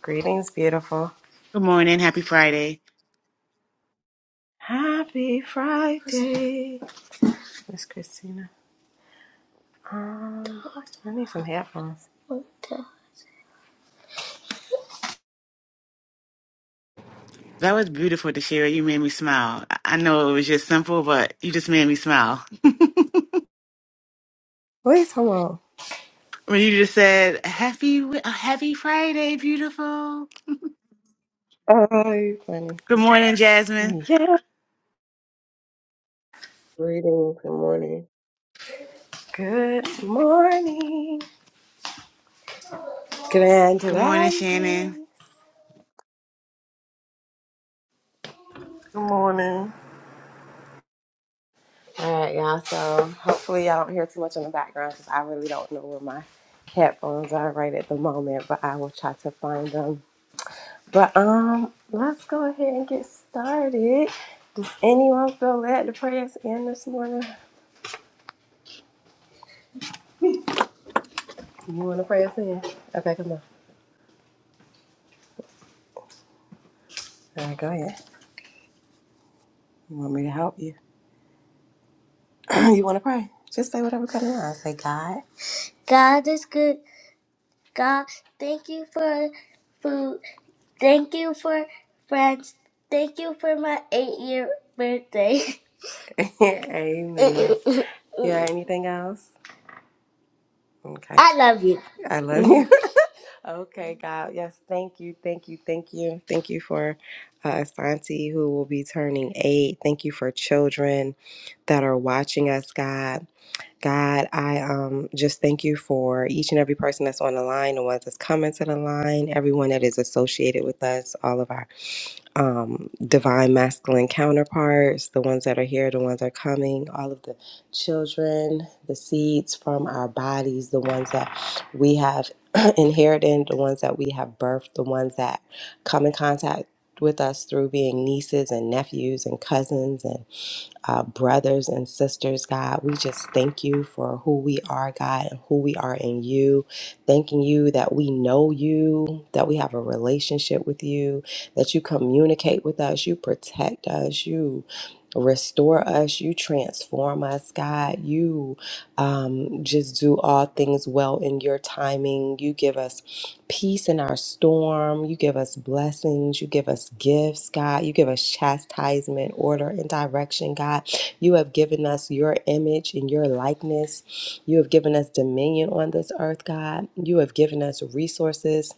Greetings, beautiful. Good morning. Happy Friday. Happy Friday, Miss Christina. Um, I need some headphones. That was beautiful, Deshira. You made me smile. I I know it was just simple, but you just made me smile. Wait, hold on. When you just said, Happy uh, Happy Friday, beautiful. Oh, you funny. Good morning, Jasmine. Yeah. Greetings, good morning. Good morning, Grand Good morning, Shannon. Rising. Good morning. All right, y'all. So hopefully y'all don't hear too much in the background because I really don't know where my headphones are right at the moment, but I will try to find them. But um, let's go ahead and get started. Anyone feel led to pray us in this morning? You want to pray us in? Okay, come on. All right, go ahead. You want me to help you? you want to pray? Just say whatever comes to mind. Say, God. God is good. God, thank you for food. Thank you for friends. Thank you for my eight-year birthday. Amen. yeah. Anything else? Okay. I love you. I love you. Okay, God. Yes, thank you, thank you, thank you. Thank you for uh, Asante, who will be turning eight. Thank you for children that are watching us, God. God, I um, just thank you for each and every person that's on the line, the ones that's coming to the line, everyone that is associated with us, all of our um, divine masculine counterparts, the ones that are here, the ones that are coming, all of the children, the seeds from our bodies, the ones that we have inherited, the ones that we have birthed, the ones that come in contact with us through being nieces and nephews and cousins uh, brothers and sisters, God. We just thank you for who we are, God, and who we are in you. Thanking you that we know you, that we have a relationship with you, that you communicate with us, you protect us, you restore us, you transform us, God. You um, just do all things well in your timing. You give us peace in our storm. You give us blessings. You give us gifts, God. You give us chastisement, order, and direction, God. You have given us your image and your likeness. You have given us dominion on this earth, God. You have given us resources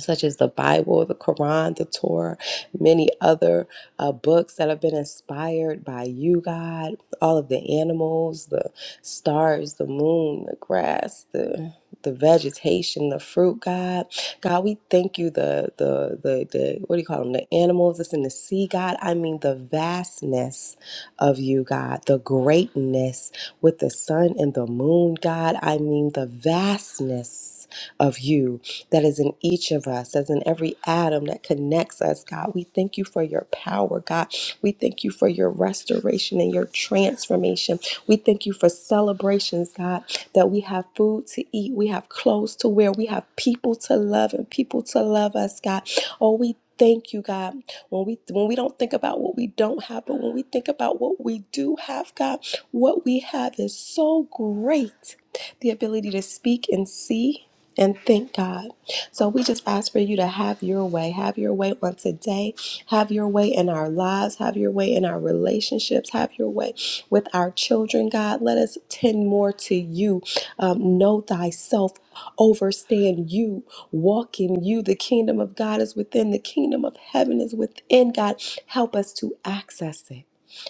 such as the Bible, the Quran, the Torah, many other uh, books that have been inspired by you, God, all of the animals, the stars, the moon, the grass, the the vegetation, the fruit, God, God, we thank you. The the the the what do you call them? The animals that's in the sea, God. I mean the vastness of you, God. The greatness with the sun and the moon, God. I mean the vastness of you that is in each of us, as in every atom that connects us, God. We thank you for your power, God. We thank you for your restoration and your transformation. We thank you for celebrations, God, that we have food to eat, we have clothes to wear, we have people to love and people to love us, God. Oh, we Thank you, God. When we when we don't think about what we don't have, but when we think about what we do have, God, what we have is so great. The ability to speak and see and thank God so we just ask for you to have your way. Have your way on today. Have your way in our lives. Have your way in our relationships. Have your way with our children, God. Let us tend more to you. Um, know thyself. Overstand you. Walk in you. The kingdom of God is within. The kingdom of heaven is within, God. Help us to access it.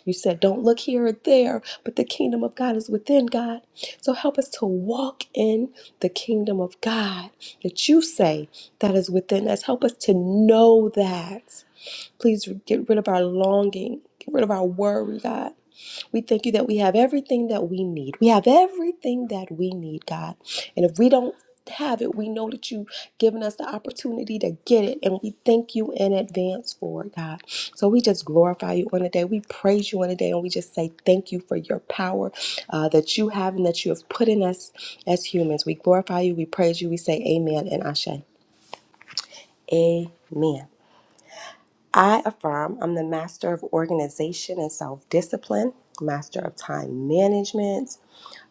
You said, don't look here or there, but the kingdom of God is within, God. So help us to walk in the kingdom of God that you say that is within us. Help us to know that. Please get rid of our longing, get rid of our worry, God. We thank you that we have everything that we need. We have everything that we need, God. And if we don't have it, we know that you've given us the opportunity to get it. And we thank you in advance for it, God. So we just glorify you on the day. We praise you on the day. And we just say thank you for your power uh, that you have and that you have put in us as humans. We glorify you. We praise you. We say amen and ashe. Amen. I affirm I'm the master of organization and self discipline, master of time management,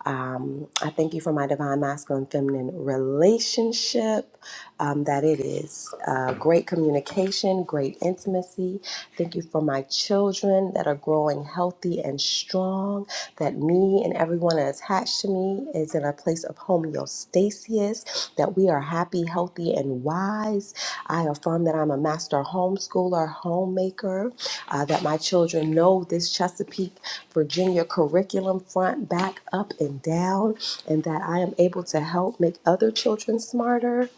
um, I thank you for my divine masculine feminine relationship, um, that it is uh, great communication, great intimacy. Thank you for my children that are growing healthy and strong, that me and everyone that's attached to me is in a place of homeostasis, that we are happy, healthy, and wise. I affirm that I'm a master homeschooler, homemaker, uh, that my children know this Chesapeake. Virginia curriculum front, back, up, and down, and that I am able to help make other children smarter.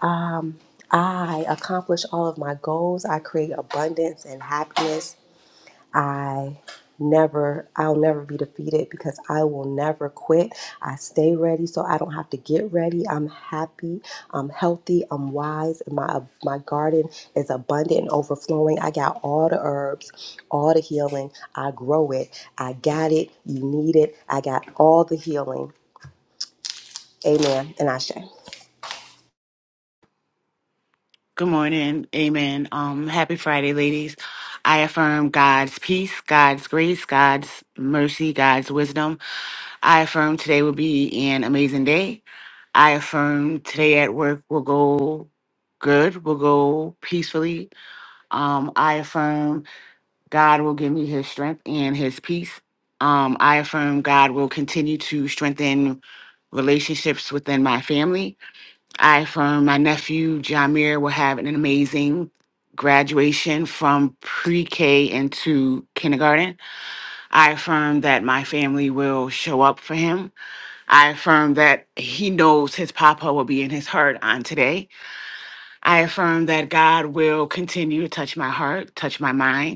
Um, I accomplish all of my goals. I create abundance and happiness I never, I'll never be defeated because I will never quit. I stay ready so I don't have to get ready. I'm happy, I'm healthy, I'm wise. and My, my garden is abundant and overflowing. I got all the herbs, all the healing. I grow it. I got it. You need it. I got all the healing. Amen. And I say, Good morning. Amen. Um, happy Friday, ladies. I affirm God's peace, God's grace, God's mercy, God's wisdom. I affirm today will be an amazing day. I affirm today at work will go good, will go peacefully, Um, I affirm God will give me his strength and his peace. Um, I affirm God will continue to strengthen relationships within my family. I affirm my nephew Jamir will have an amazing graduation from pre-K into kindergarten. I affirm that my family will show up for him. I affirm that he knows his papa will be in his heart on today. I affirm that God will continue to touch my heart, touch my mind.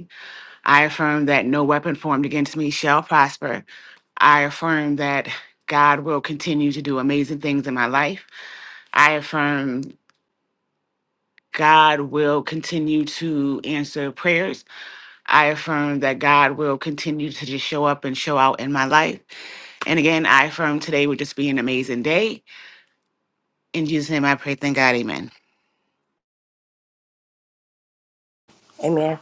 I affirm that no weapon formed against me shall prosper. I affirm that God will continue to do amazing things in my life. I affirm God will continue to answer prayers. I affirm that God will continue to just show up and show out in my life. And again, I affirm today would just be an amazing day. In Jesus' name I pray, thank God, amen. Amen.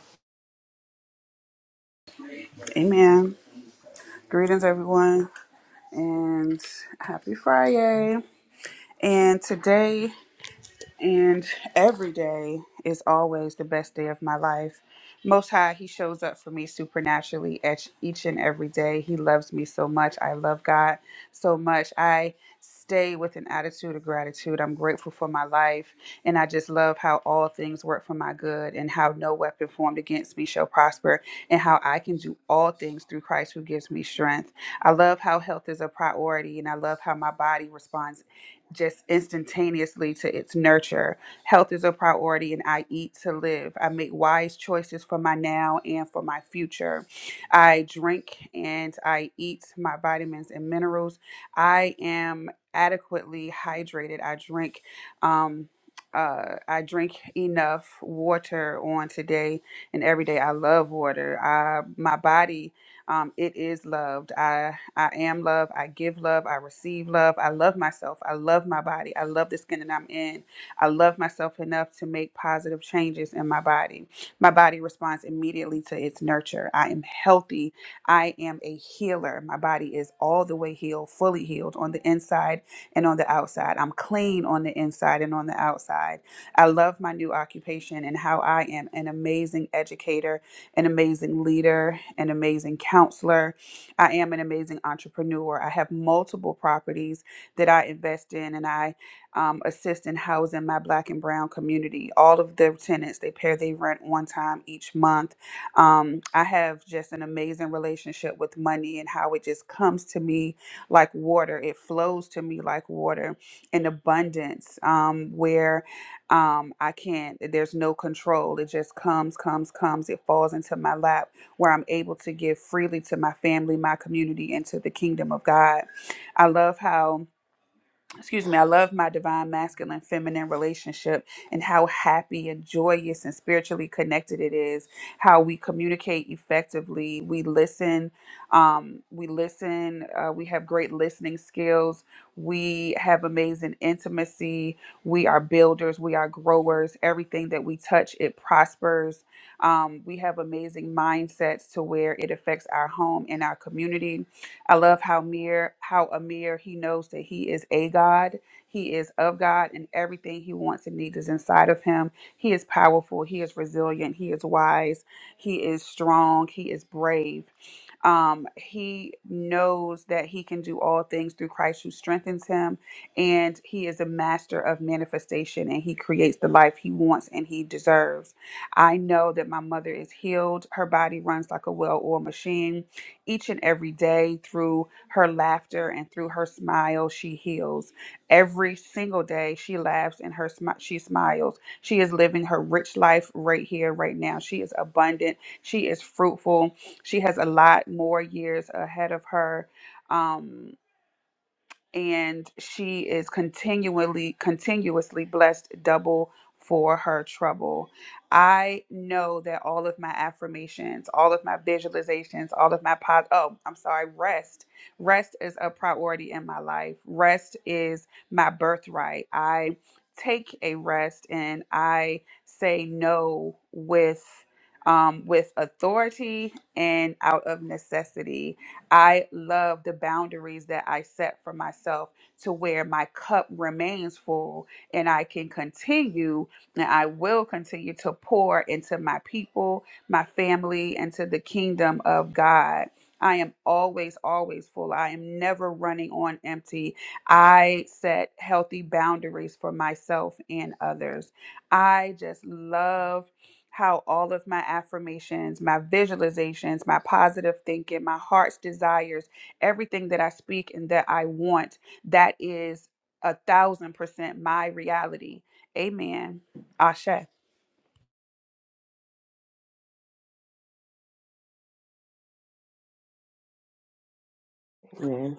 Amen.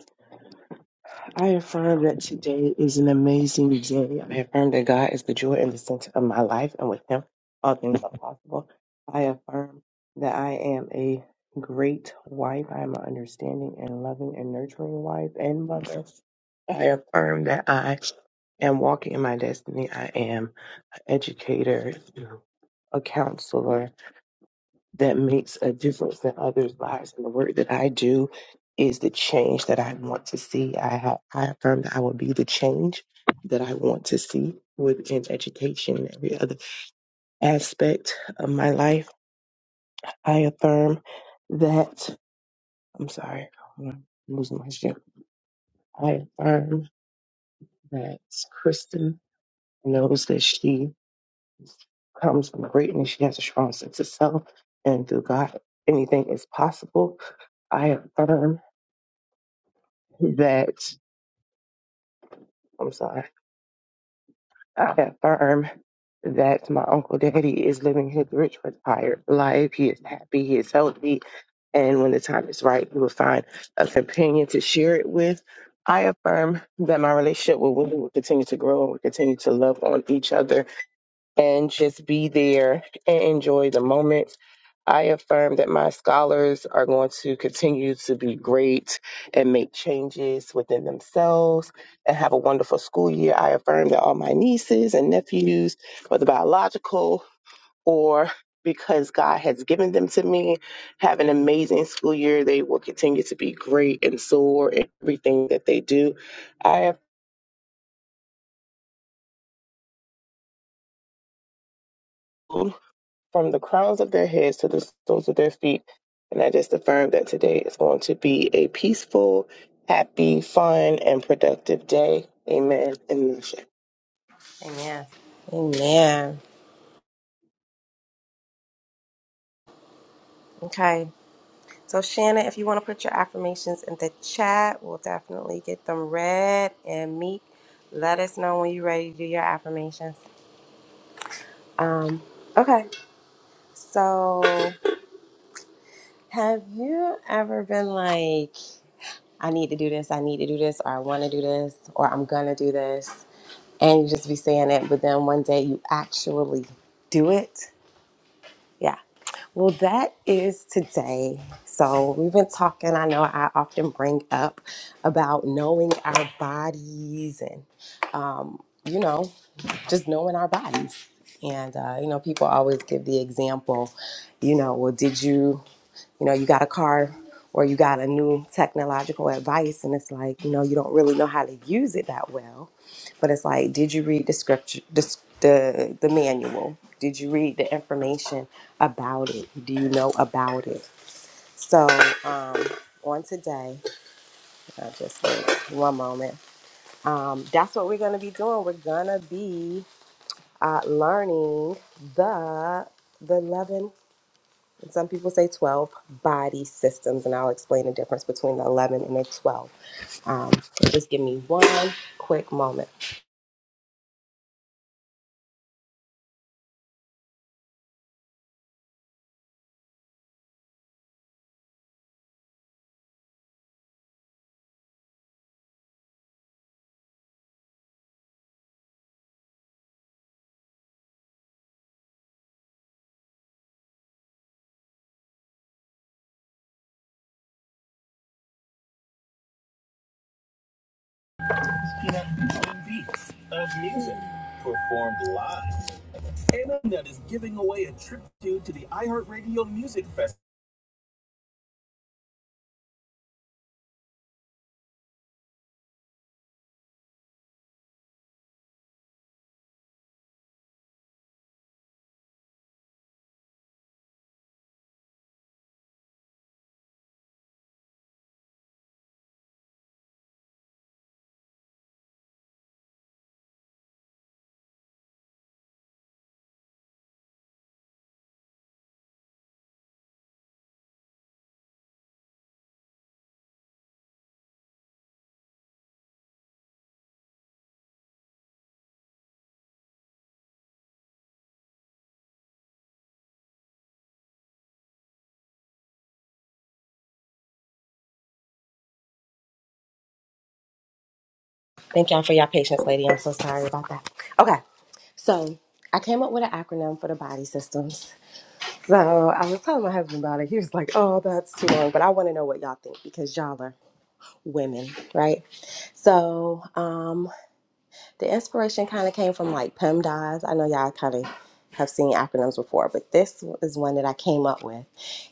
I affirm that today is an amazing day. I affirm that God is the joy and the center of my life, and with Him, all things are possible. I affirm that I am a great wife. I am an understanding and loving and nurturing wife and mother. I affirm that I am walking in my destiny. I am educator, a counselor, that makes a difference in others' lives. And the work that I do is the change that I want to see. I have I affirm that I will be the change that I want to see within education and every other aspect of my life. I affirm that I'm sorry, I'm losing my shit. I affirm that Kristen knows that she comes from greatness. She has a strong sense of self and through God anything is possible. I affirm that I'm sorry. I affirm that my uncle daddy is living his rich, retired life. He is happy. He is healthy. And when the time is right, he will find a companion to share it with. I affirm that my relationship with Wendy will continue to grow and we continue to love on each other and just be there and enjoy the moment. I affirm that my scholars are going to continue to be great and make changes within themselves and have a wonderful school year. I affirm that all my nieces and nephews, whether biological or because God has given them to me, have an amazing school year. They will continue to be great and soar in everything that they do. I affirm. from the crowns of their heads to the soles of their feet. And I just affirm that today is going to be a peaceful, happy, fun, and productive day. Amen. And Amen. Amen. Okay. So, Shannon, if you want to put your affirmations in the chat, we'll definitely get them read. And Meek, let us know when you're ready to do your affirmations. Um, okay. So, have you ever been like, I need to do this, I need to do this, or I want to do this, or I'm going to do this? And you just be saying it, but then one day you actually do it? Yeah, Well, that is today. So, we've been talking. I know I often bring up about knowing our bodies and, um, you know, just knowing our bodies. And, uh, you know, people always give the example, you know, well, did you? you know, you got a car or you got a new technological advice, and it's like, you know, you don't really know how to use it that well. But it's like, did you read the scripture, the, s- the, the manual? Did you read the information about it? Do you know about it? So, um, on today, I just wait one moment. Um, that's what we're gonna be doing. We're gonna be uh, learning the the 11 and some people say 12 body systems and i'll explain the difference between the 11 and the 12 um, so just give me one quick moment thank y'all for your patience lady i'm so sorry about that okay so i came up with an acronym for the body systems so i was telling my husband about it he was like oh that's too long but i want to know what y'all think because y'all are women right so um, The inspiration kind of came from like PEMDAS. I know y'all kind of have seen acronyms before, but this is one that I came up with,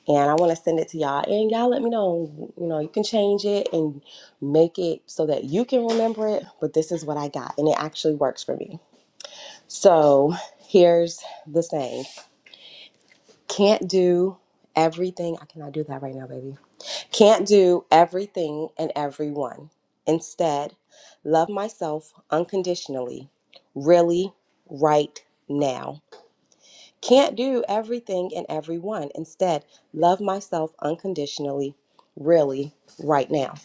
and I want to send it to y'all. And y'all let me know. You know, you can change it and make it so that you can remember it. But this is what I got, and it actually works for me. So here's the saying: Can't do everything. I cannot do that right now, baby can't do everything and everyone. Instead, love myself unconditionally, really, right now. Can't do everything and everyone. Instead, love myself unconditionally, really, right now.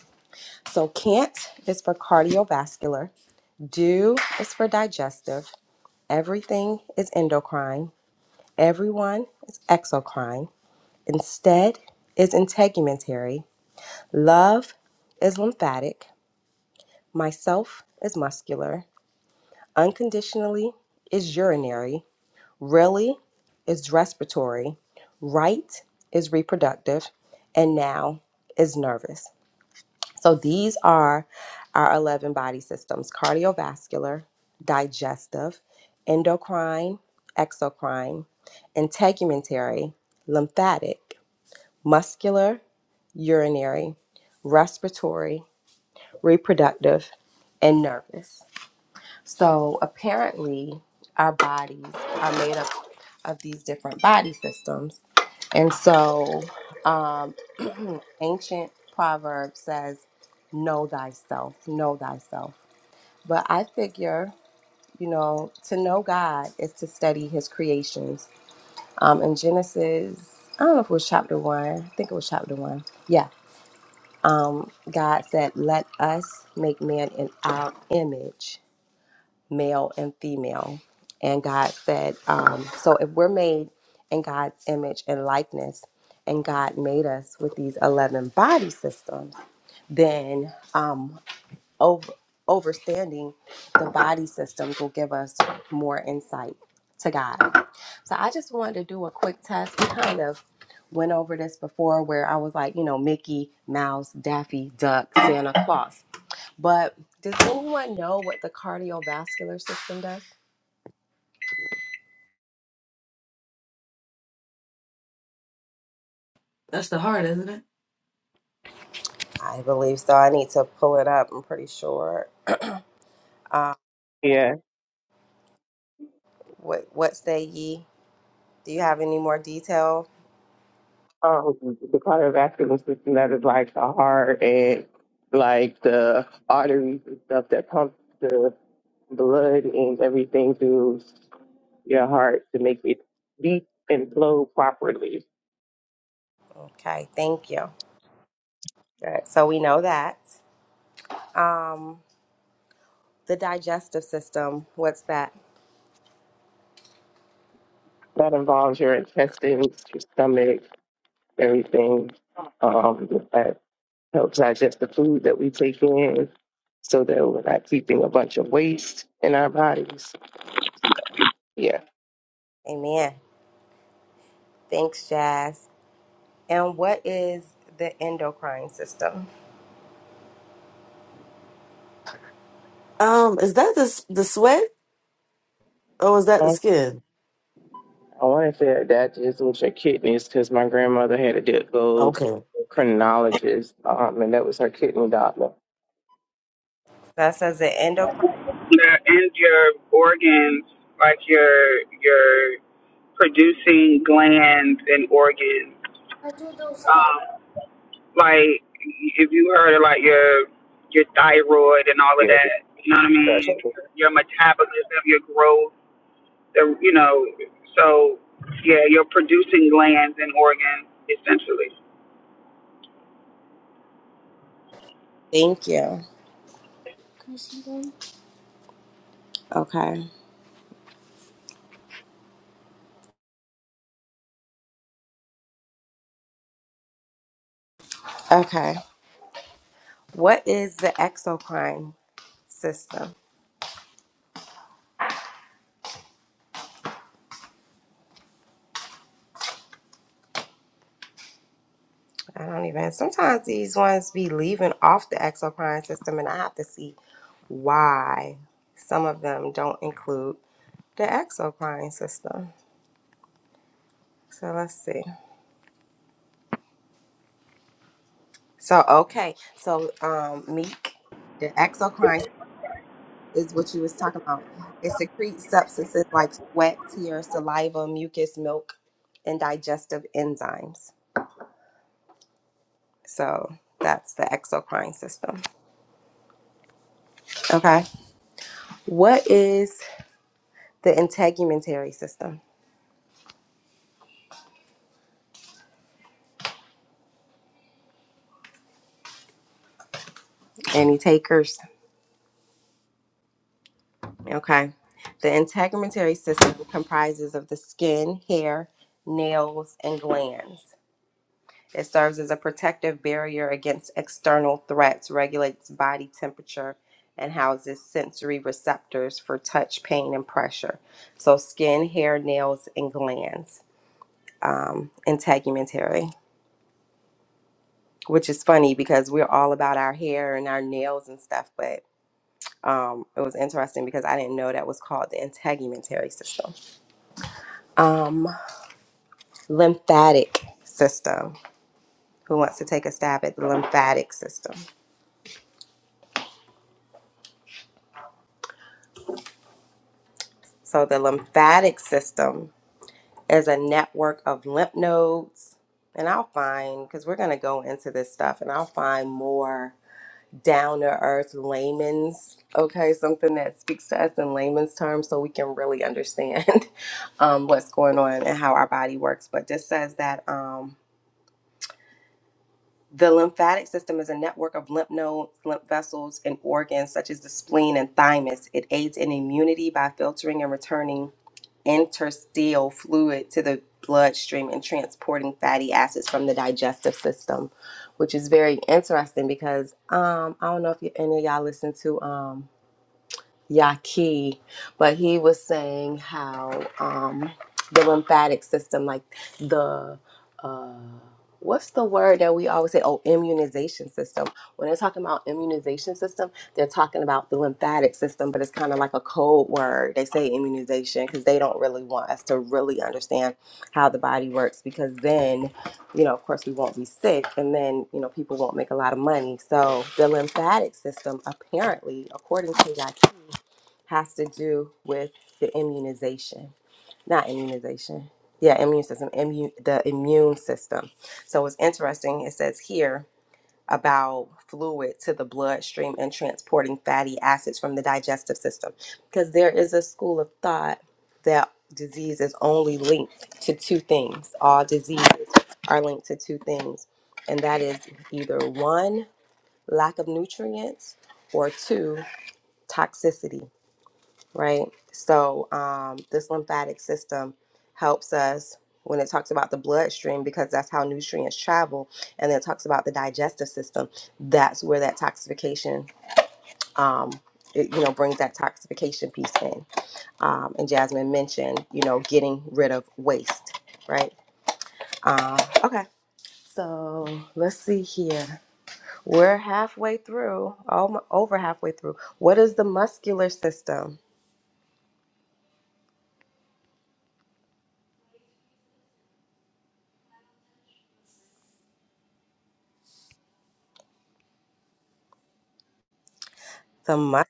So, can't is for cardiovascular, do is for digestive, everything is endocrine, everyone is exocrine, instead is integumentary, love is lymphatic, Myself is muscular. Unconditionally is urinary. Really is respiratory. Right is reproductive. And now is nervous. So these are our 11 body systems cardiovascular, digestive, endocrine, exocrine, integumentary, lymphatic, muscular, urinary, respiratory, reproductive, and nervous. So apparently, our bodies are made up of these different body systems. And so, um, ancient proverb says, Know thyself, know thyself. But I figure, you know, to know God is to study his creations. Um, in Genesis, I don't know if it was chapter one, I think it was chapter one. Yeah. Um, God said, Let us make man in our image male and female. And God said, um, so if we're made in God's image and likeness, and God made us with these 11 body systems, then um, over, overstanding the body systems will give us more insight to God. So I just wanted to do a quick test. We kind of went over this before where I was like, you know, Mickey, Mouse, Daffy, Duck, Santa Claus. But does anyone know what the cardiovascular system does? That's the heart, isn't it? I believe so. I need to pull it up. I'm pretty sure. Uh, yeah, what What say ye? Do you have any more detail? um, the cardiovascular system that is like the heart and like the arteries and stuff that pump the blood and everything through your heart to make it beat and flow properly. Okay, thank you. Good. So we know that. Um, the digestive system. What's that? That involves your intestines, your stomach, everything um, that helps digest the food that we take in so that we're not keeping a bunch of waste in our bodies. Yeah. Amen. Thanks, Jazz. And what is the endocrine system? Um, is that the s- the sweat or is that the I skin? want to say that is with your kidneys because my grandmother had to do- go to Okay. a chronologist, um, and that was her kidney doctor. That says the endocrine. your and your organs, like your your producing glands and organs. Um, like if you heard of like your your thyroid and all of Yeah, it's that, you know what I mean? special. Your metabolism, your growth, the you know, so yeah, your producing glands and organs essentially. Thank you. Okay. Okay. What is the exocrine system? I don't even. Sometimes these ones be leaving off the exocrine system, and I have to see why some of them don't include the exocrine system. So let's see. So okay, so um, Meek, the exocrine is what you was talking about. It secretes substances like sweat, tears, saliva, mucus, milk, and digestive enzymes. So that's the exocrine system. Okay, what is the integumentary system? Any takers? Okay. The integumentary system comprises of the skin, hair, nails, and glands. It serves as a protective barrier against external threats, regulates body temperature, and houses sensory receptors for touch, pain, and pressure. So, skin, hair, nails, and glands. Um, integumentary, which is funny because we're all about our hair and our nails and stuff, but Um, it was interesting because I didn't know that was called the integumentary system. Um, lymphatic system. Who wants to take a stab at the lymphatic system? So the lymphatic system is a network of lymph nodes, and I'll find because we're gonna go into this stuff, and I'll find more down to earth layman's. Okay, something that speaks to us in layman's terms, so we can really understand um, what's going on and how our body works. But this says that. Um, The lymphatic system is a network of lymph nodes, lymph vessels, and organs such as the spleen and thymus. It aids in immunity by filtering and returning interstitial fluid to the bloodstream and transporting fatty acids from the digestive system, which is very interesting because um, I don't know if you, any of y'all listen to. um, Yaki, but he was saying how um, the lymphatic system, like the uh, what's the word that we always say? Oh, immunization system. When they're talking about immunization system, they're talking about the lymphatic system, but it's kind of like a code word. They say immunization because they don't really want us to really understand how the body works, because then, you know, of course, we won't be sick, and then you know, people won't make a lot of money. So the lymphatic system, apparently, according to Yaki has to do with the immunization, not immunization. Yeah, immune system, immune, the immune system. So it's interesting. It says here about fluid to the bloodstream and transporting fatty acids from the digestive system, because there is a school of thought that disease is only linked to two things. All diseases are linked to two things, and that is either one, lack of nutrients, or two, toxicity right? So um, this lymphatic system helps us when it talks about the bloodstream because that's how nutrients travel, and then it talks about the digestive system. That's where that toxification, um, it, you know, brings that toxification piece in. Um, and Jasmine mentioned, you know, getting rid of waste, right? Um, okay. So let's see here. We're halfway through, almo- over halfway through. What is the muscular system? The mu-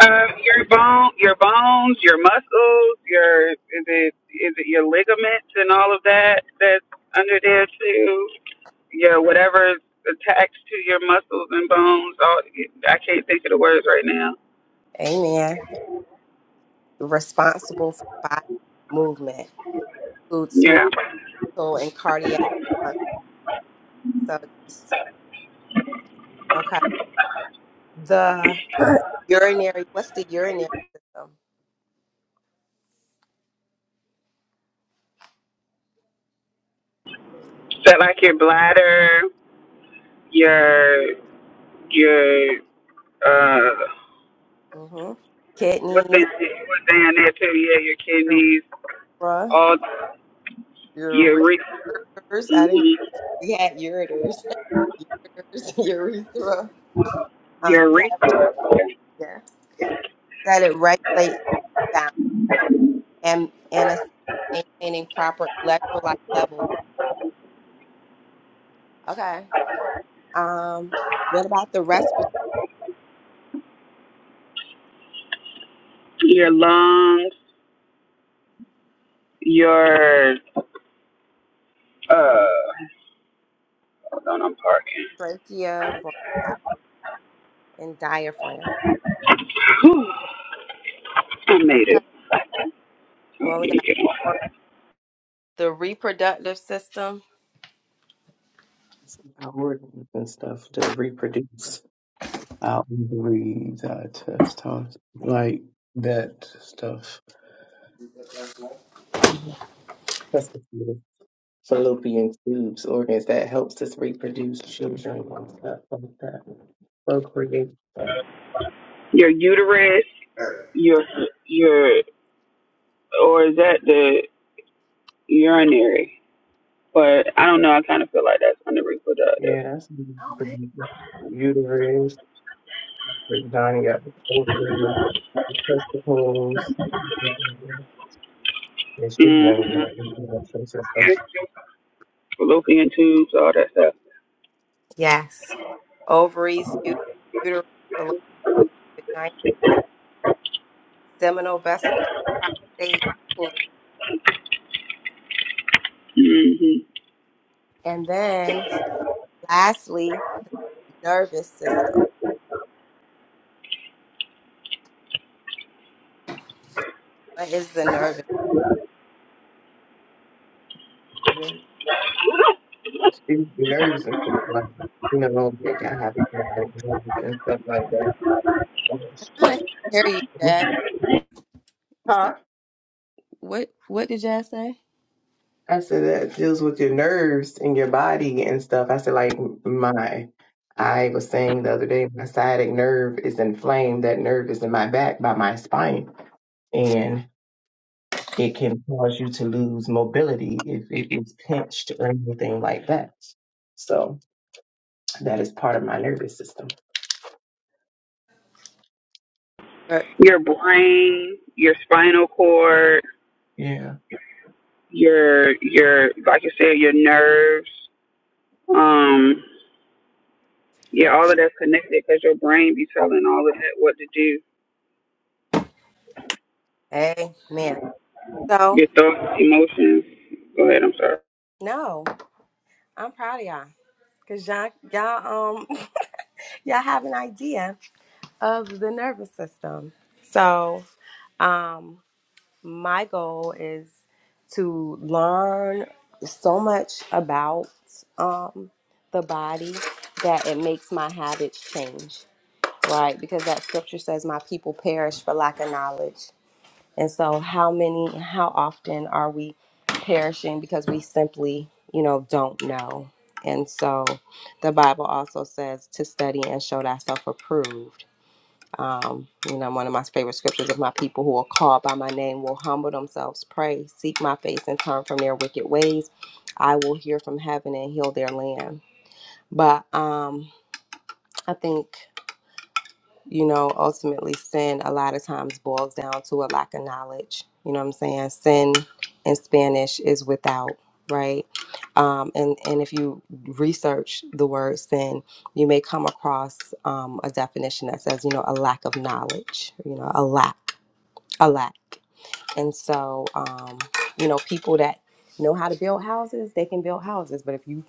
Um, your bone, your bones, your muscles, your is it is it your ligaments and all of that that's under there too. Yeah, whatever's attached to your muscles and bones. All I can't think of the words right now. Amen. responsible for body movement, includes Yeah, muscle and cardiac. function. So yes, okay. The urinary. What's the urinary system? so like your bladder, your your uh, mm hmm what's down Kidneys, what's down there too? Yeah, your kidneys, urethra, all ure- your re- ureters. I didn't. hmm We had ureters, ureters, urethra. your Um, re- yeah, yeah. That it regulates balance and and assists maintaining proper electrolyte levels. Okay. Um, what about the respiratory? your lungs, your Uh, hold on, I'm parking. trachea, bronchi, and diaphragm. Whew, I made Okay. it. We Let only got four. The reproductive system. Our organs and stuff to reproduce our ovaries, our testos, like that stuff. fallopian tubes, organs that helps us reproduce children and stuff like that. Procreate stuff. Your uterus, your your, or is that the urinary? But I don't know. I kind of feel like that's under reproductive. Yeah, that's Okay. uterus, vagina, got the organs, the testicles. There should be another Mm-hmm. reproduction system. Fallopian tubes, all that stuff. Yes. Ovaries, ut- uterus, fallopian tube, vagina, seminal vesicle, prostate. penis. Mm-hmm. And then lastly, nervous system. What is the nervous? Excuse the nerves and stuff like you know, they gotta have like, nerves and stuff like that. I hear you, Jazz. You said Huh? what what did Jazz say? I said that deals with your nerves and your body and stuff. I said like my I was saying the other day my sciatic nerve is inflamed. That nerve is in my back by my spine and it can cause you to lose mobility if it is pinched or anything like that. So that is part of my nervous system. Er, Your brain, your spinal cord, Yeah. your your like you said, your nerves. Um, yeah, all of that's connected because your brain be telling all of that what to do. Amen. So Get those emotions. Go ahead, I'm sorry. no, I'm proud of y'all. Cause y'all y'all um y'all have an idea. of the nervous system. So, um, my goal is to learn so much about um, the body that it makes my habits change, right? Because that scripture says, My people perish for lack of knowledge. And so, how many, how often are we perishing because we simply, you know, don't know? And so, the Bible also says to study and show thyself approved um, you know, one of my favorite scriptures if my people who are called by my name will humble themselves, pray, seek my face, and turn from their wicked ways, I will hear from heaven and heal their land. But um, I think, you know, ultimately sin a lot of times boils down to a lack of knowledge. You know what I'm saying? Sin in Spanish is without, right? Um, and, and if you research the word sin, you may come across um, a definition that says, you know, a lack of knowledge, you know, a lack a lack. And so, um, you know, people that know how to build houses, they can build houses. But if you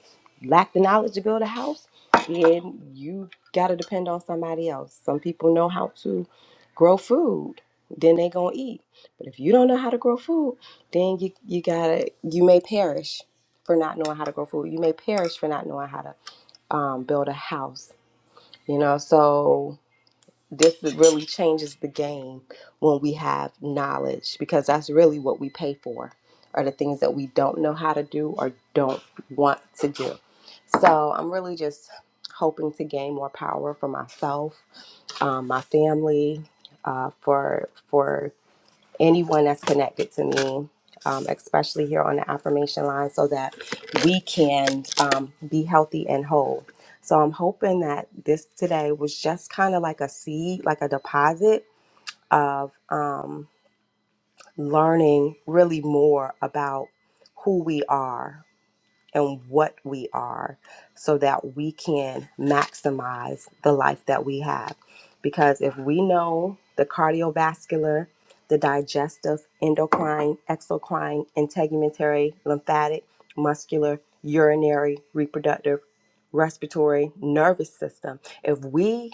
lack the knowledge to build a house, then you got to depend on somebody else. Some people know how to grow food, then they going to eat. But if you don't know how to grow food, then you, you got to, you may perish for not knowing how to grow food. You may perish for not knowing how to um, build a house, you know? So, this is- really changes the game when we have knowledge because that's really what we pay for are the things that we don't know how to do or don't want to do so i'm really just hoping to gain more power for myself um, my family uh, for for anyone that's connected to me, um, especially here on the affirmation line, so that we can um, be healthy and whole. So I'm hoping that this today was just kind of like a seed, like a deposit of um, learning really more about who we are, and what we are so that we can maximize the life that we have. Because if we know the cardiovascular, the digestive, endocrine, exocrine, integumentary, lymphatic, muscular, urinary, reproductive, respiratory, nervous system, if we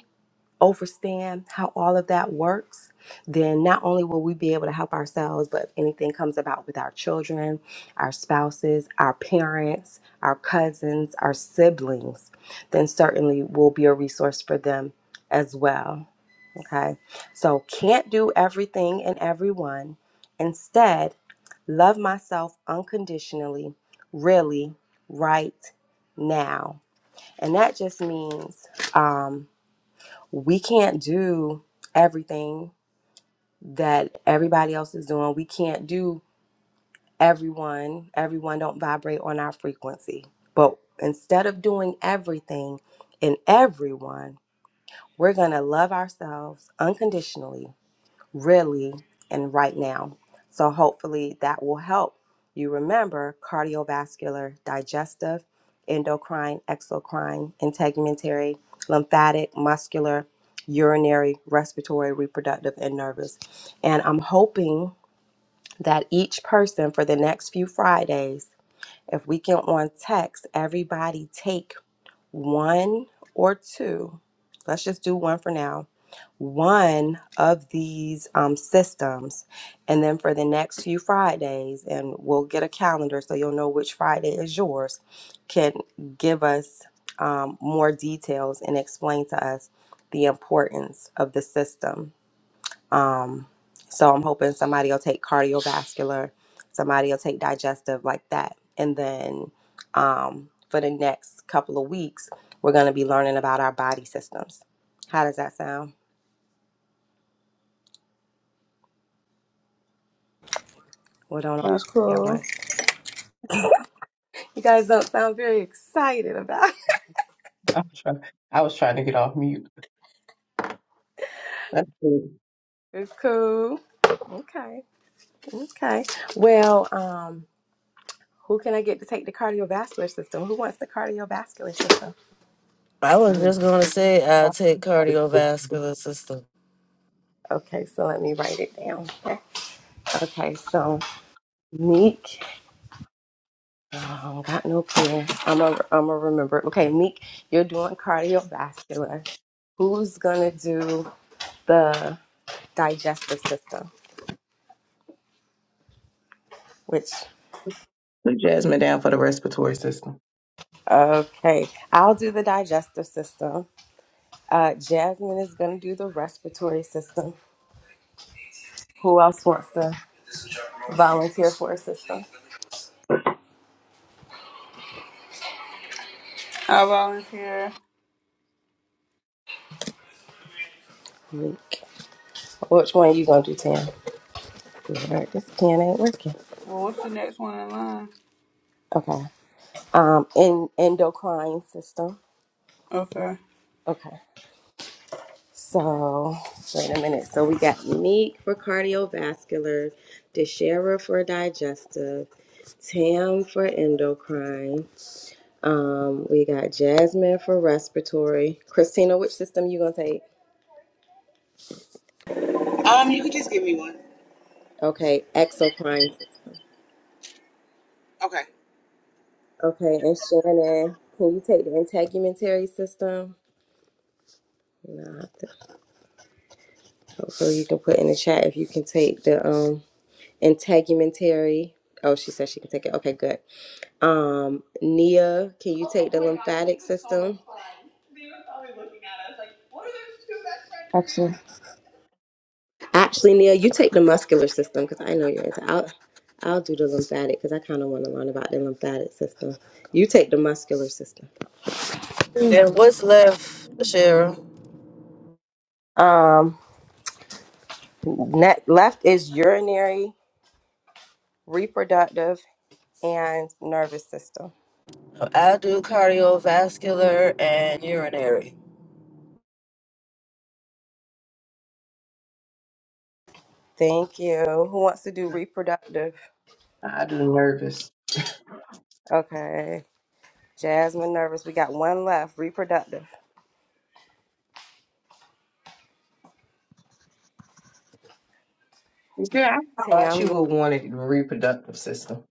overstand how all of that works, then not only will we be able to help ourselves, but if anything comes about with our children, our spouses, our parents, our cousins, our siblings, then certainly we'll be a resource for them as well. Okay, so can't do everything and everyone. Instead, love myself unconditionally, really, right now. And that just means, um, we can't do everything that everybody else is doing. We can't do everyone. Everyone don't vibrate on our frequency. But instead of doing everything and everyone, we're going to love ourselves unconditionally really and right now. So, hopefully, that will help you remember cardiovascular, digestive, endocrine, exocrine, and integumentary, lymphatic, muscular, urinary, respiratory, reproductive, and nervous. And I'm hoping that each person for the next few Fridays, if we can on text, everybody take one or two, let's just do one for now, one of these um, systems. And then for the next few Fridays, and we'll get a calendar so you'll know which Friday is yours, can give us um, more details and explain to us the importance of the system. Um, so I'm hoping somebody will take cardiovascular, somebody will take digestive like that. And then um, for the next couple of weeks, we're going to be learning about our body systems. How does that sound? We're doing all three at once. You guys don't sound very excited about it. I'm trying, I was trying to get off mute. That's good. It's cool. Okay. Okay. Well, um, who can I get to take the cardiovascular system? Who wants the cardiovascular system? I was Oh, just gonna say I take Put cardiovascular system. Okay, so let me write it down. Okay, so Meek. I don't got no clue. I'm a, I'm a remember. Okay, Meek, you're doing cardiovascular. Who's gonna do the digestive system? Which, Jasmine down for the respiratory system. okay, I'll do the digestive system. Uh, Jasmine is gonna do the respiratory system. Who else wants to volunteer for a system? I volunteer. Meek. Which one are you gonna do, Tam? Lord, This can ain't working. Well, what's the next one in line? Okay. Um, in endocrine system. Okay. Okay. So, wait a minute. So, we got Meek for cardiovascular, DeShera for digestive, Tam for endocrine. Um, we got Jasmine for respiratory. Christina, which system you going to take? Um, you could just give me one. Okay, exocrine Okay. Okay, and Shannon, can you take the integumentary system? No, I think- so So, you can put in the chat if you can take the um integumentary. Oh, she said she can take it. Okay, good. Um, Nia, can you take the lymphatic system? Gotcha. Actually, Nia, you take the muscular system because I know you're into. I'll, I'll do the lymphatic because I kind of want to learn about the lymphatic system. You take the muscular system. Is Then what's left, Shara? Um, ne left is urinary, reproductive, and nervous system. I do cardiovascular and urinary. Thank you. Who wants to do reproductive? I do nervous. Okay, Jasmine, nervous. We got one left. Reproductive. Yeah, I thought Tam, you would want it in reproductive system.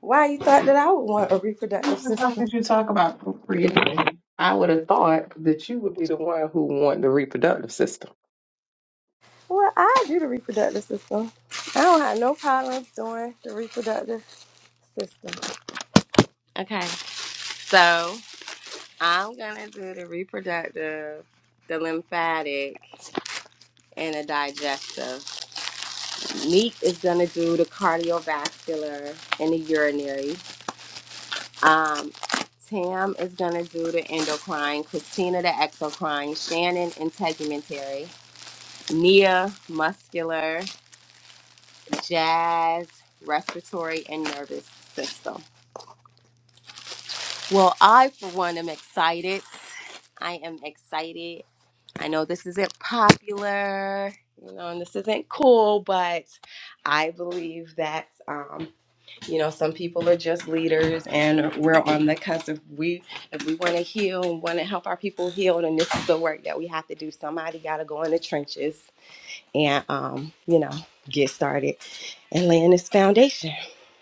Why you thought that I would want a reproductive How system? did you talk about procreation? I would have thought that you would be the one who want the reproductive system. Well, I do the reproductive system. I don't have no problems doing the reproductive system. Okay, so I'm gonna do the reproductive, the lymphatic, and the digestive. Neek is gonna do the cardiovascular and the urinary. Um, Tam is gonna do the endocrine, Christina the exocrine, Shannon integumentary, Nia muscular, jazz, respiratory, and nervous system. Well, I, for one, am excited. I am excited. I know this isn't popular, you know, and this isn't cool, but I believe that, um, you know, some people are just leaders and we're on the cusp. If we, if we want to heal and want to help our people heal, then this is the work that we have to do. Somebody got to go in the trenches and, um, you know, get started and laying this foundation.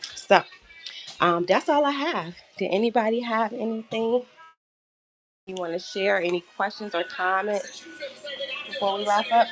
So, Um, that's all I have. Did anybody have anything you want to share? Any questions or comments before we wrap up?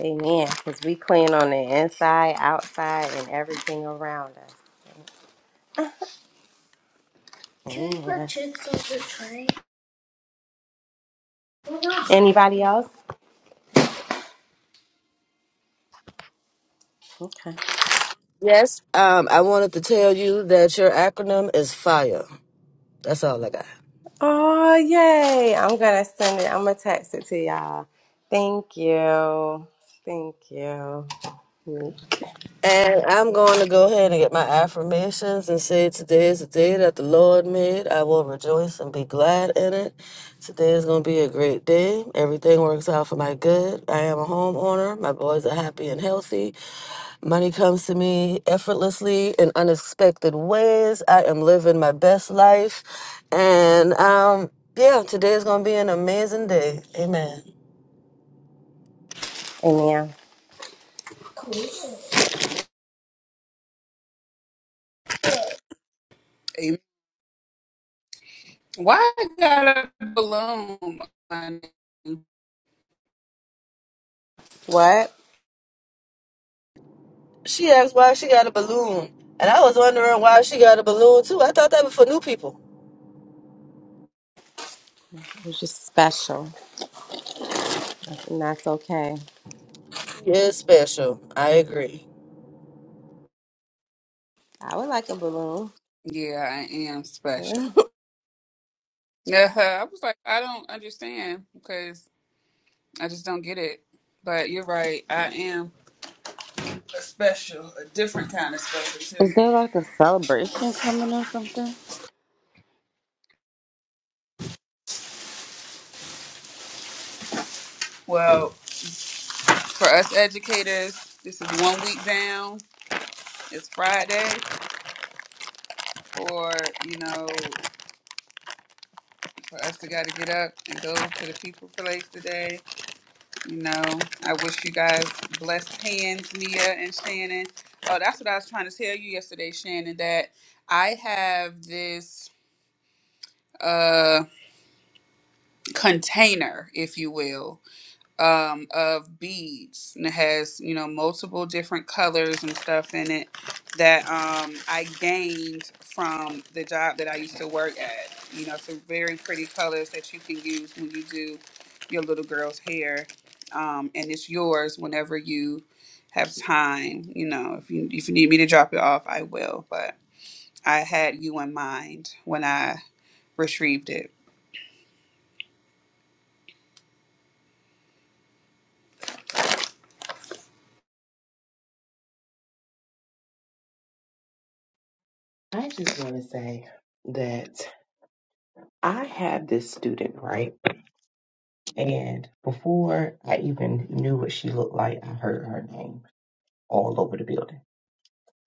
Amen. Because we clean on the inside, outside, and everything around us. Can we put Amen. chicks on the tray? Anybody else? Okay. Yes. Um, I wanted to tell you that your acronym is FIRE. That's all I got. Oh yay! I'm gonna send it. I'm gonna text it to y'all. Thank you. Thank you. And I'm going to go ahead and get my affirmations and say, Today is the day that the Lord made. I will rejoice and be glad in it. Today is going to be a great day. Everything works out for my good. I am a homeowner. My boys are happy and healthy. Money comes to me effortlessly in unexpected ways. I am living my best life. And um, yeah, today is going to be an amazing day. Amen. Amen. What? She asked why she got a balloon. And I was wondering why she got a balloon too. I thought that was for new people. It was just special. And that's okay. Yeah, it's special. I agree. I would like a balloon. there like a celebration coming or something? I just want to say that I had this student, right? And before I even knew what she looked like, I heard her name all over the building.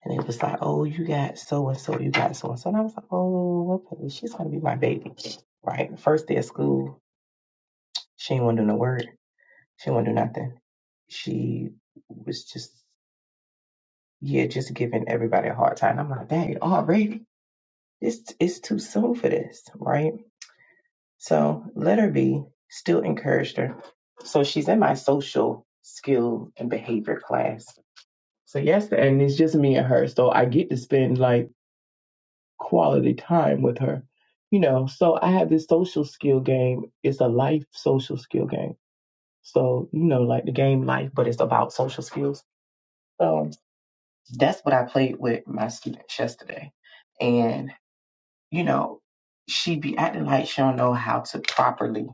And it was like, oh, you got so and so, you got so and so. And I was like, oh, okay, she's going to be my baby. Right. First day of school, she ain't want to do no word. She want to do nothing. She was just, yeah, just giving everybody a hard time. I'm like, dang, already? This it's too soon for this. Right. So let her be, still encouraged her. So she's in my social skill and behavior class. So yesterday, and it's just me and her. So I get to spend like, quality time with her. You know, so I have this social skill game. It's a life social skill game. So, you know, like the game life, but it's about social skills. So that's what I played with my students yesterday. And, you know, she be acting like she don't know how to properly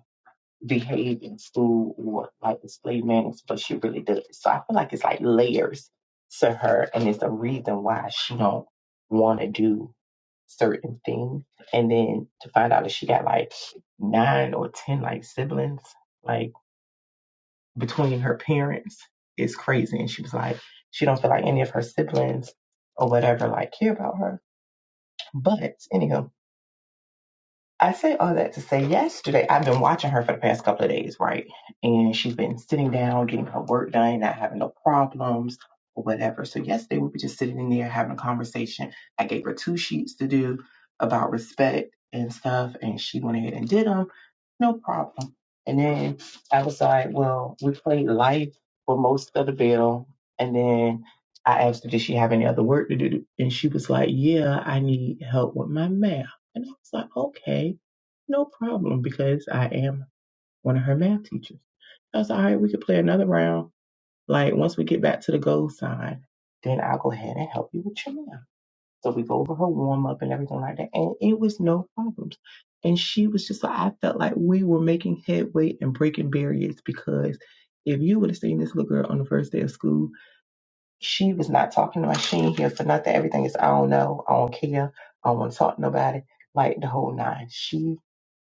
behave in school or like display manners, but she really does. So I feel like it's like layers to her and it's a reason why she don't want to do certain thing. And then to find out that she got like nine or 10 like siblings, like between her parents is crazy. And she was like, she don't feel like any of her siblings or whatever like care about her. But anyhow, I say all that to say yesterday, I've been watching her for the past couple of days, right? And she's been sitting down, getting her work done, not having no problems or whatever. So yesterday we were just sitting in there having a conversation. I gave her two sheets to do about respect and stuff, and she went ahead and did them, no problem. And then I was like, well, we played life for most of the bill. And then I asked her, did she have any other work to do? And she was like, yeah, I need help with my math. And I was like, okay no problem, because I am one of her math teachers. I was like, all right, we could play another round. Like once we get back to the gold sign, then I'll go ahead and help you with your math. So we go over her warm up and everything like that. And it was no problems. And she was just like, I felt like we were making headway and breaking barriers because if you would have seen this little girl on the first day of school, she was not talking to my machine here for nothing. Everything is, I don't know, I don't care, I don't want to talk to nobody, like the whole nine. She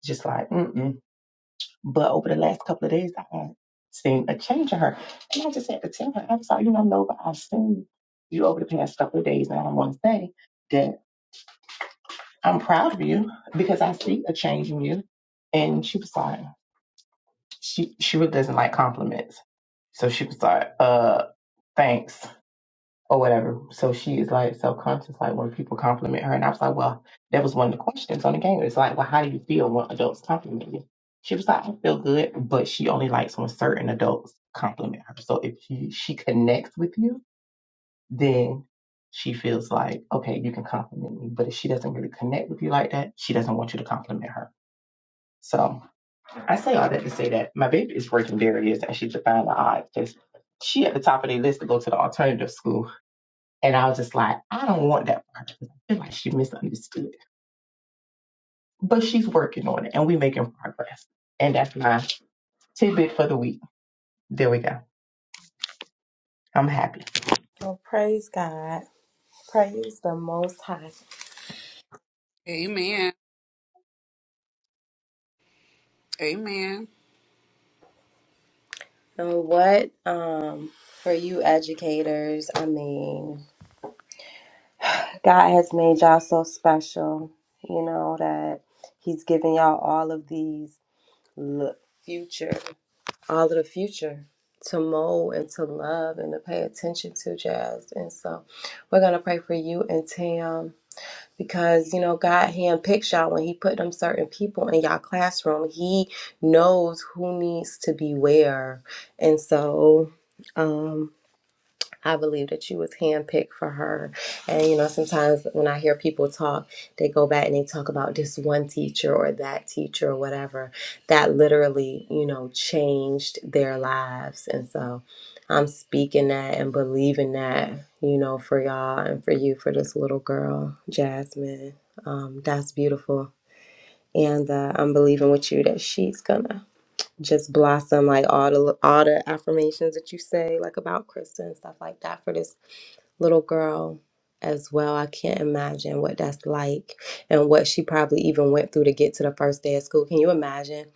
just like, mm-mm. But over the last couple of days, I had seen a change in her. And I just had to tell her, I'm sorry, you don't know, but I've seen you over the past couple of days. And I want to say that I'm proud of you because I see a change in you. And she was like, she, she really doesn't like compliments. So she was like, uh, thanks or whatever. So she is like self-conscious, like when people compliment her. And I was like, well, that was one of the questions on the game. It's like, well, how do you feel when adults compliment you? She was like, I feel good, but she only likes when certain adults compliment her. So if she, she connects with you, then she feels like, okay, you can compliment me. But if she doesn't really connect with you like that, she doesn't want you to compliment her. So I say all that to say that my baby is breaking barriers and she's defying the odds because she at the top of the list to go to the alternative school and I was just like, I don't want that part because I feel like she misunderstood. But she's working on it and we're making progress. And that's my tidbit for the week. There we go. I'm happy. Well, praise God. Praise the Most High. Amen. Amen. And what um for you educators, I mean, God has made y'all so special, you know, that He's given y'all all of these look, future, all of the future to mold and to love and to pay attention to, Jazz. And so we're going to pray for you and Tam. because you know God handpicks y'all when He put them certain people in y'all classroom. He knows who needs to be where, and so. um, I believe that you was handpicked for her. And you know, sometimes when I hear people talk, they go back and they talk about this one teacher or that teacher or whatever that literally, you know, changed their lives. And so I'm speaking that and believing that, you know, for y'all and for you, for this little girl, Jasmine. Um, that's beautiful. And uh, I'm believing with you that she's gonna just blossom like all the all the affirmations that you say like about Krista and stuff like that for this little girl as well. I can't imagine what that's like and what she probably even went through to get to the first day of school. Can you imagine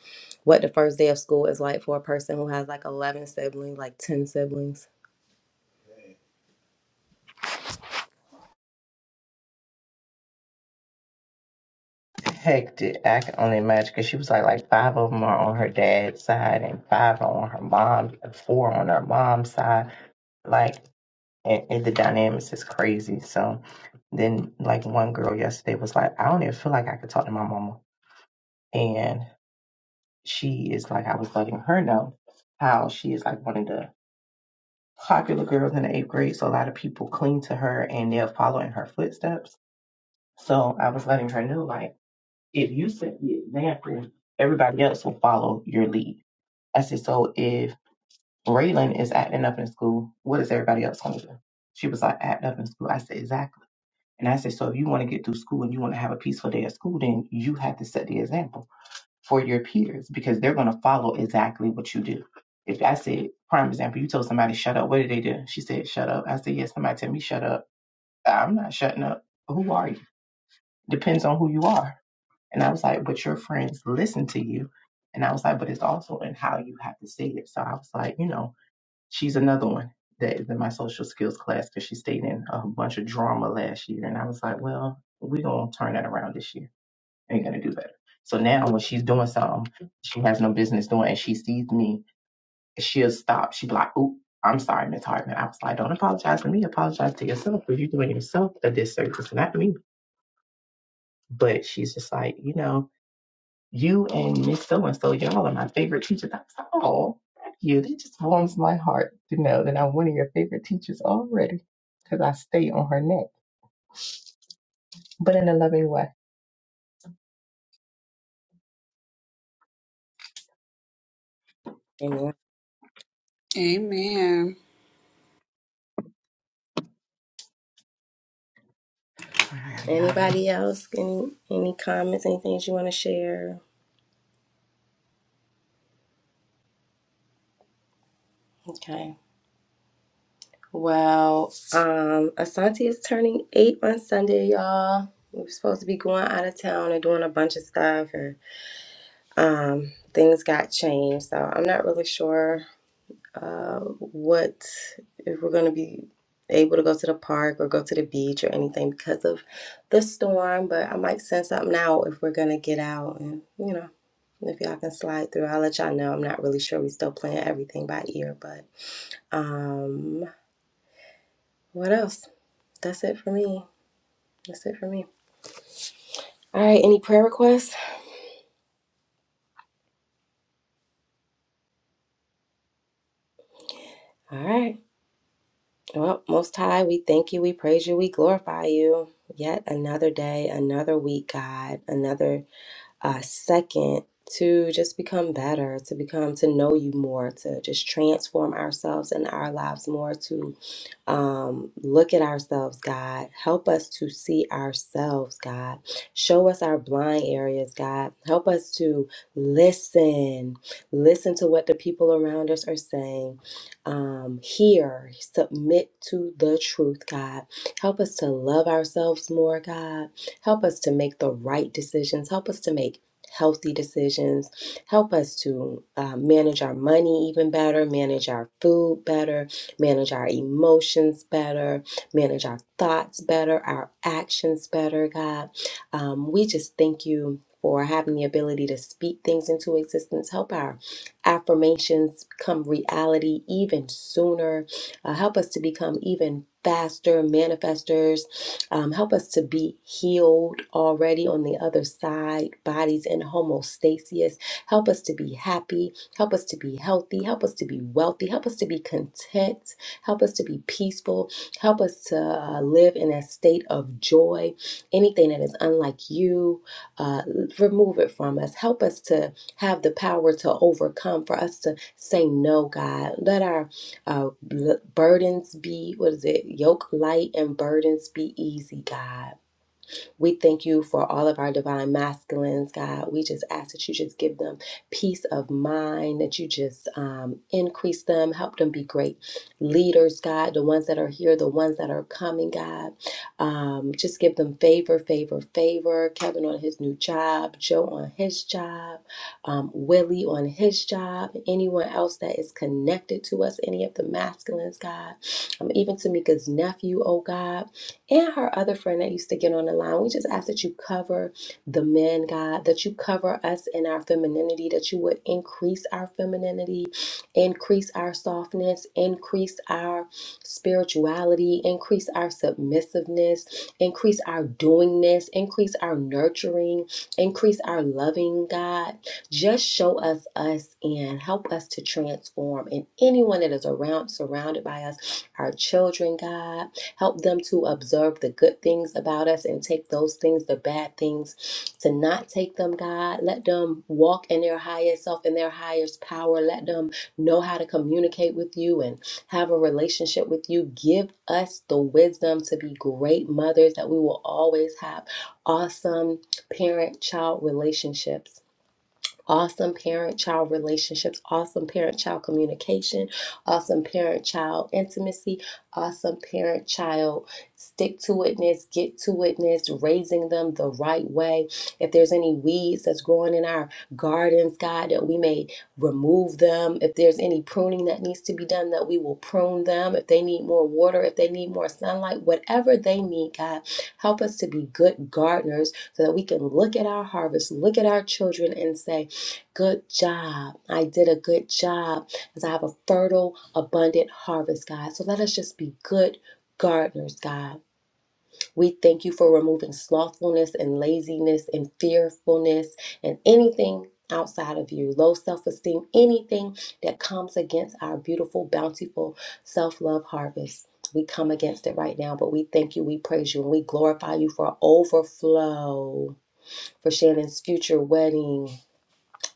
what the first day of school is like for a person who has like 11 siblings, like 10 siblings? Hectic. I can only imagine because she was like, like five of them are on her dad's side and five are on her mom, four on her mom's side. Like, and, and the dynamics is crazy. So then, like, one girl yesterday was like, I don't even feel like I could talk to my mama. And she is like, I was letting her know how she is like one of the popular girls in the eighth grade, so a lot of people cling to her and they're following her footsteps. So I was letting her know, like, if you set the example, everybody else will follow your lead. I said, so if Raylan is acting up in school, what is everybody else going to do? She was like, act up in school. I said, exactly. And I said, so if you want to get through school and you want to have a peaceful day at school, then you have to set the example for your peers because they're going to follow exactly what you do. If I said, prime example, you told somebody shut up, what did they do? She said shut up. I said yes. Somebody tell me shut up. I'm not shutting up. Who are you? Depends on who you are. And I was like, but your friends listen to you. And I was like, but it's also in how you have to say it. So I was like, you know, she's another one that is in my social skills class because she stayed in a bunch of drama last year. And I was like, well, we're going to turn that around this year ain't gonna do better. So now when she's doing something she has no business doing and she sees me, she'll stop. She'll be like, Oop, I'm sorry, Miss Hartman. I was like, Don't apologize to me, apologize to yourself because you're doing yourself a disservice, not me. But she's just like, you know, you and Miss So and so, y'all are my favorite teachers. I was like, Oh, thank you. That just warms my heart to know that I'm one of your favorite teachers already. Because I stay on her neck, but in a loving way. Amen. I gotta get out of Anybody else? Any, any comments, anything that you want to share? Okay. Well, um, Asante is turning eight on Sunday, y'all. We were supposed to be going out of town and doing a bunch of stuff and um things got changed so i'm not really sure uh, what if we're going to be able to go to the park or go to the beach or anything because of the storm. But I might send something out if we're going to get out and, you know, if y'all can slide through. I'll let y'all know. I'm not really sure. We still playing everything by ear, but um, what else? That's it for me. That's it for me. All right. Any prayer requests? All right. Well, Most High, we thank you, we praise you, we glorify you. Yet another day, another week, God, another Uh, second, to just become better, to become, to know you more, to just transform ourselves and our lives more, to um, look at ourselves, God. Help us to see ourselves, God. Show us our blind areas, God. Help us to listen, listen to what the people around us are saying. Um, hear, submit to the truth, God. Help us to love ourselves more, God. Help us to make the right decisions. Help us to make healthy decisions. Help us to uh, manage our money even better, manage our food better, manage our emotions better, manage our thoughts better, our actions better, God. Um, we just thank you for having the ability to speak things into existence. Help our affirmations come reality even sooner. Uh, help us to become even faster manifestors. Um, help us to be healed already on the other side, bodies in homostasis. Help us to be happy. Help us to be healthy. Help us to be wealthy. Help us to be content. Help us to be peaceful. Help us to uh, live in a state of joy. Anything that is unlike you, uh, remove it from us. Help us to have the power to overcome, for us to say no, God. Let our uh, burdens be, what is it, yoke light and burdens be easy, God. We thank you for all of our divine masculines, God. We just ask that you just give them peace of mind, that you just um, increase them, help them be great leaders, God, the ones that are here, the ones that are coming, God. Um, just give them favor, favor, favor. Kevin on his new job, Joe on his job, um, Willie on his job, anyone else that is connected to us, any of the masculines, God. Um, even Tamika's nephew, oh God and her other friend that used to get on the line. We just ask that you cover the men, God, that you cover us in our femininity, that you would increase our femininity, increase our softness, increase our spirituality, increase our submissiveness, increase our doingness, increase our nurturing, increase our loving, God. Just show us us and help us to transform. And anyone that is around, surrounded by us, our children, God Help them to observe the good things about us and take those things, the bad things, to not take them, God. Let them walk in their highest self, in their highest power. Let them know how to communicate with you and have a relationship with you. Give us the wisdom to be great mothers, that we will always have awesome parent child relationships awesome parent child relationships, awesome parent child communication, awesome parent child intimacy, awesome parent child stick to itness, get to itness raising them the right way. If there's any weeds that's growing in our gardens, God, that we may remove them. If there's any pruning that needs to be done, that we will prune them. If they need more water, if they need more sunlight, whatever they need, God, help us to be good gardeners so that we can look at our harvest, look at our children, and say, good job. I did a good job because I have a fertile, abundant harvest, God. So let us just be good gardeners, God. We thank you for removing slothfulness and laziness and fearfulness and anything outside of you, low self esteem, anything that comes against our beautiful, bountiful self love harvest. We come against it right now, but we thank you, we praise you, and we glorify you for overflow, for Shannon's future wedding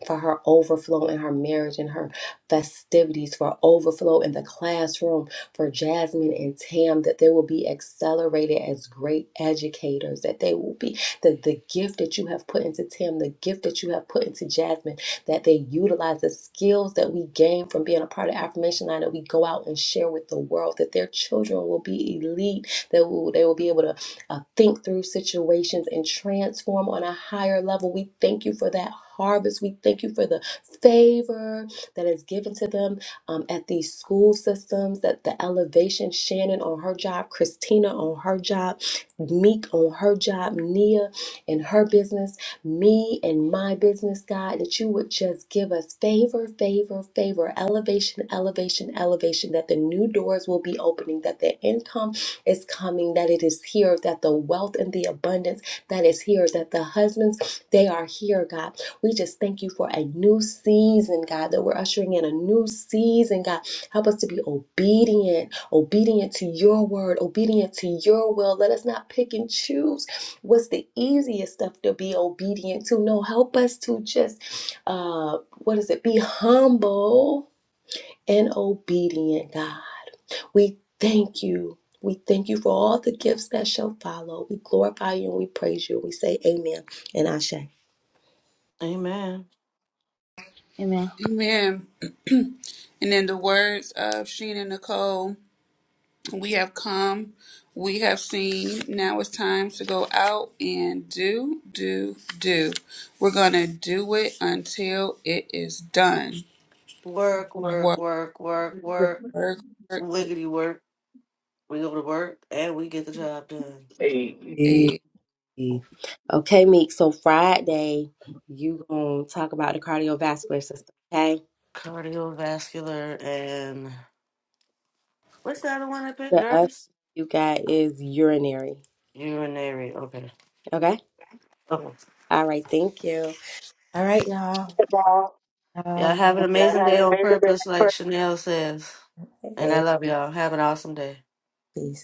for her overflow in her marriage and her festivities, for overflow in the classroom, for Jasmine and Tam, that they will be accelerated as great educators, that they will be the, the gift that you have put into Tam, the gift that you have put into Jasmine, that they utilize the skills that we gain from being a part of Affirmation Line, that we go out and share with the world, that their children will be elite, that will, they will be able to uh, think through situations and transform on a higher level. We thank you for that harvest. We thank you for the favor that is given to them um, at these school systems, that the elevation, Shannon on her job, Christina on her job, Meek on her job, Nia in her business, me and my business, God, that you would just give us favor, favor, favor, elevation, elevation, elevation, that the new doors will be opening, that the income is coming, that it is here, that the wealth and the abundance that is here, that the husbands, they are here, God. We just thank you for a new season, God, that we're ushering in a new season, God. Help us to be obedient, obedient to your word, obedient to your will. Let us not pick and choose what's the easiest stuff to be obedient to. No, help us to just, uh, what is it, be humble and obedient, God. We thank you. We thank you for all the gifts that shall follow. We glorify you and we praise you. We say amen and Ashe. Amen. Amen. Amen. And in the words of Sheena Nicole, we have come, we have seen. Now it's time to go out and Work, work, work, work, work, wiggity work. We go to work and we get the job done. here. Hey. Okay, Meek. So Friday, you gonna talk about the cardiovascular system. Okay. Cardiovascular and what's the other one I picked? The other Nervous? you got is urinary. Urinary. Okay. Okay. Okay. All right. Thank you. All right, y'all. Y'all Y'all. have an amazing day on purpose, Hey. like Chanel says. And I Hey, love y'all. Have an awesome day. peace.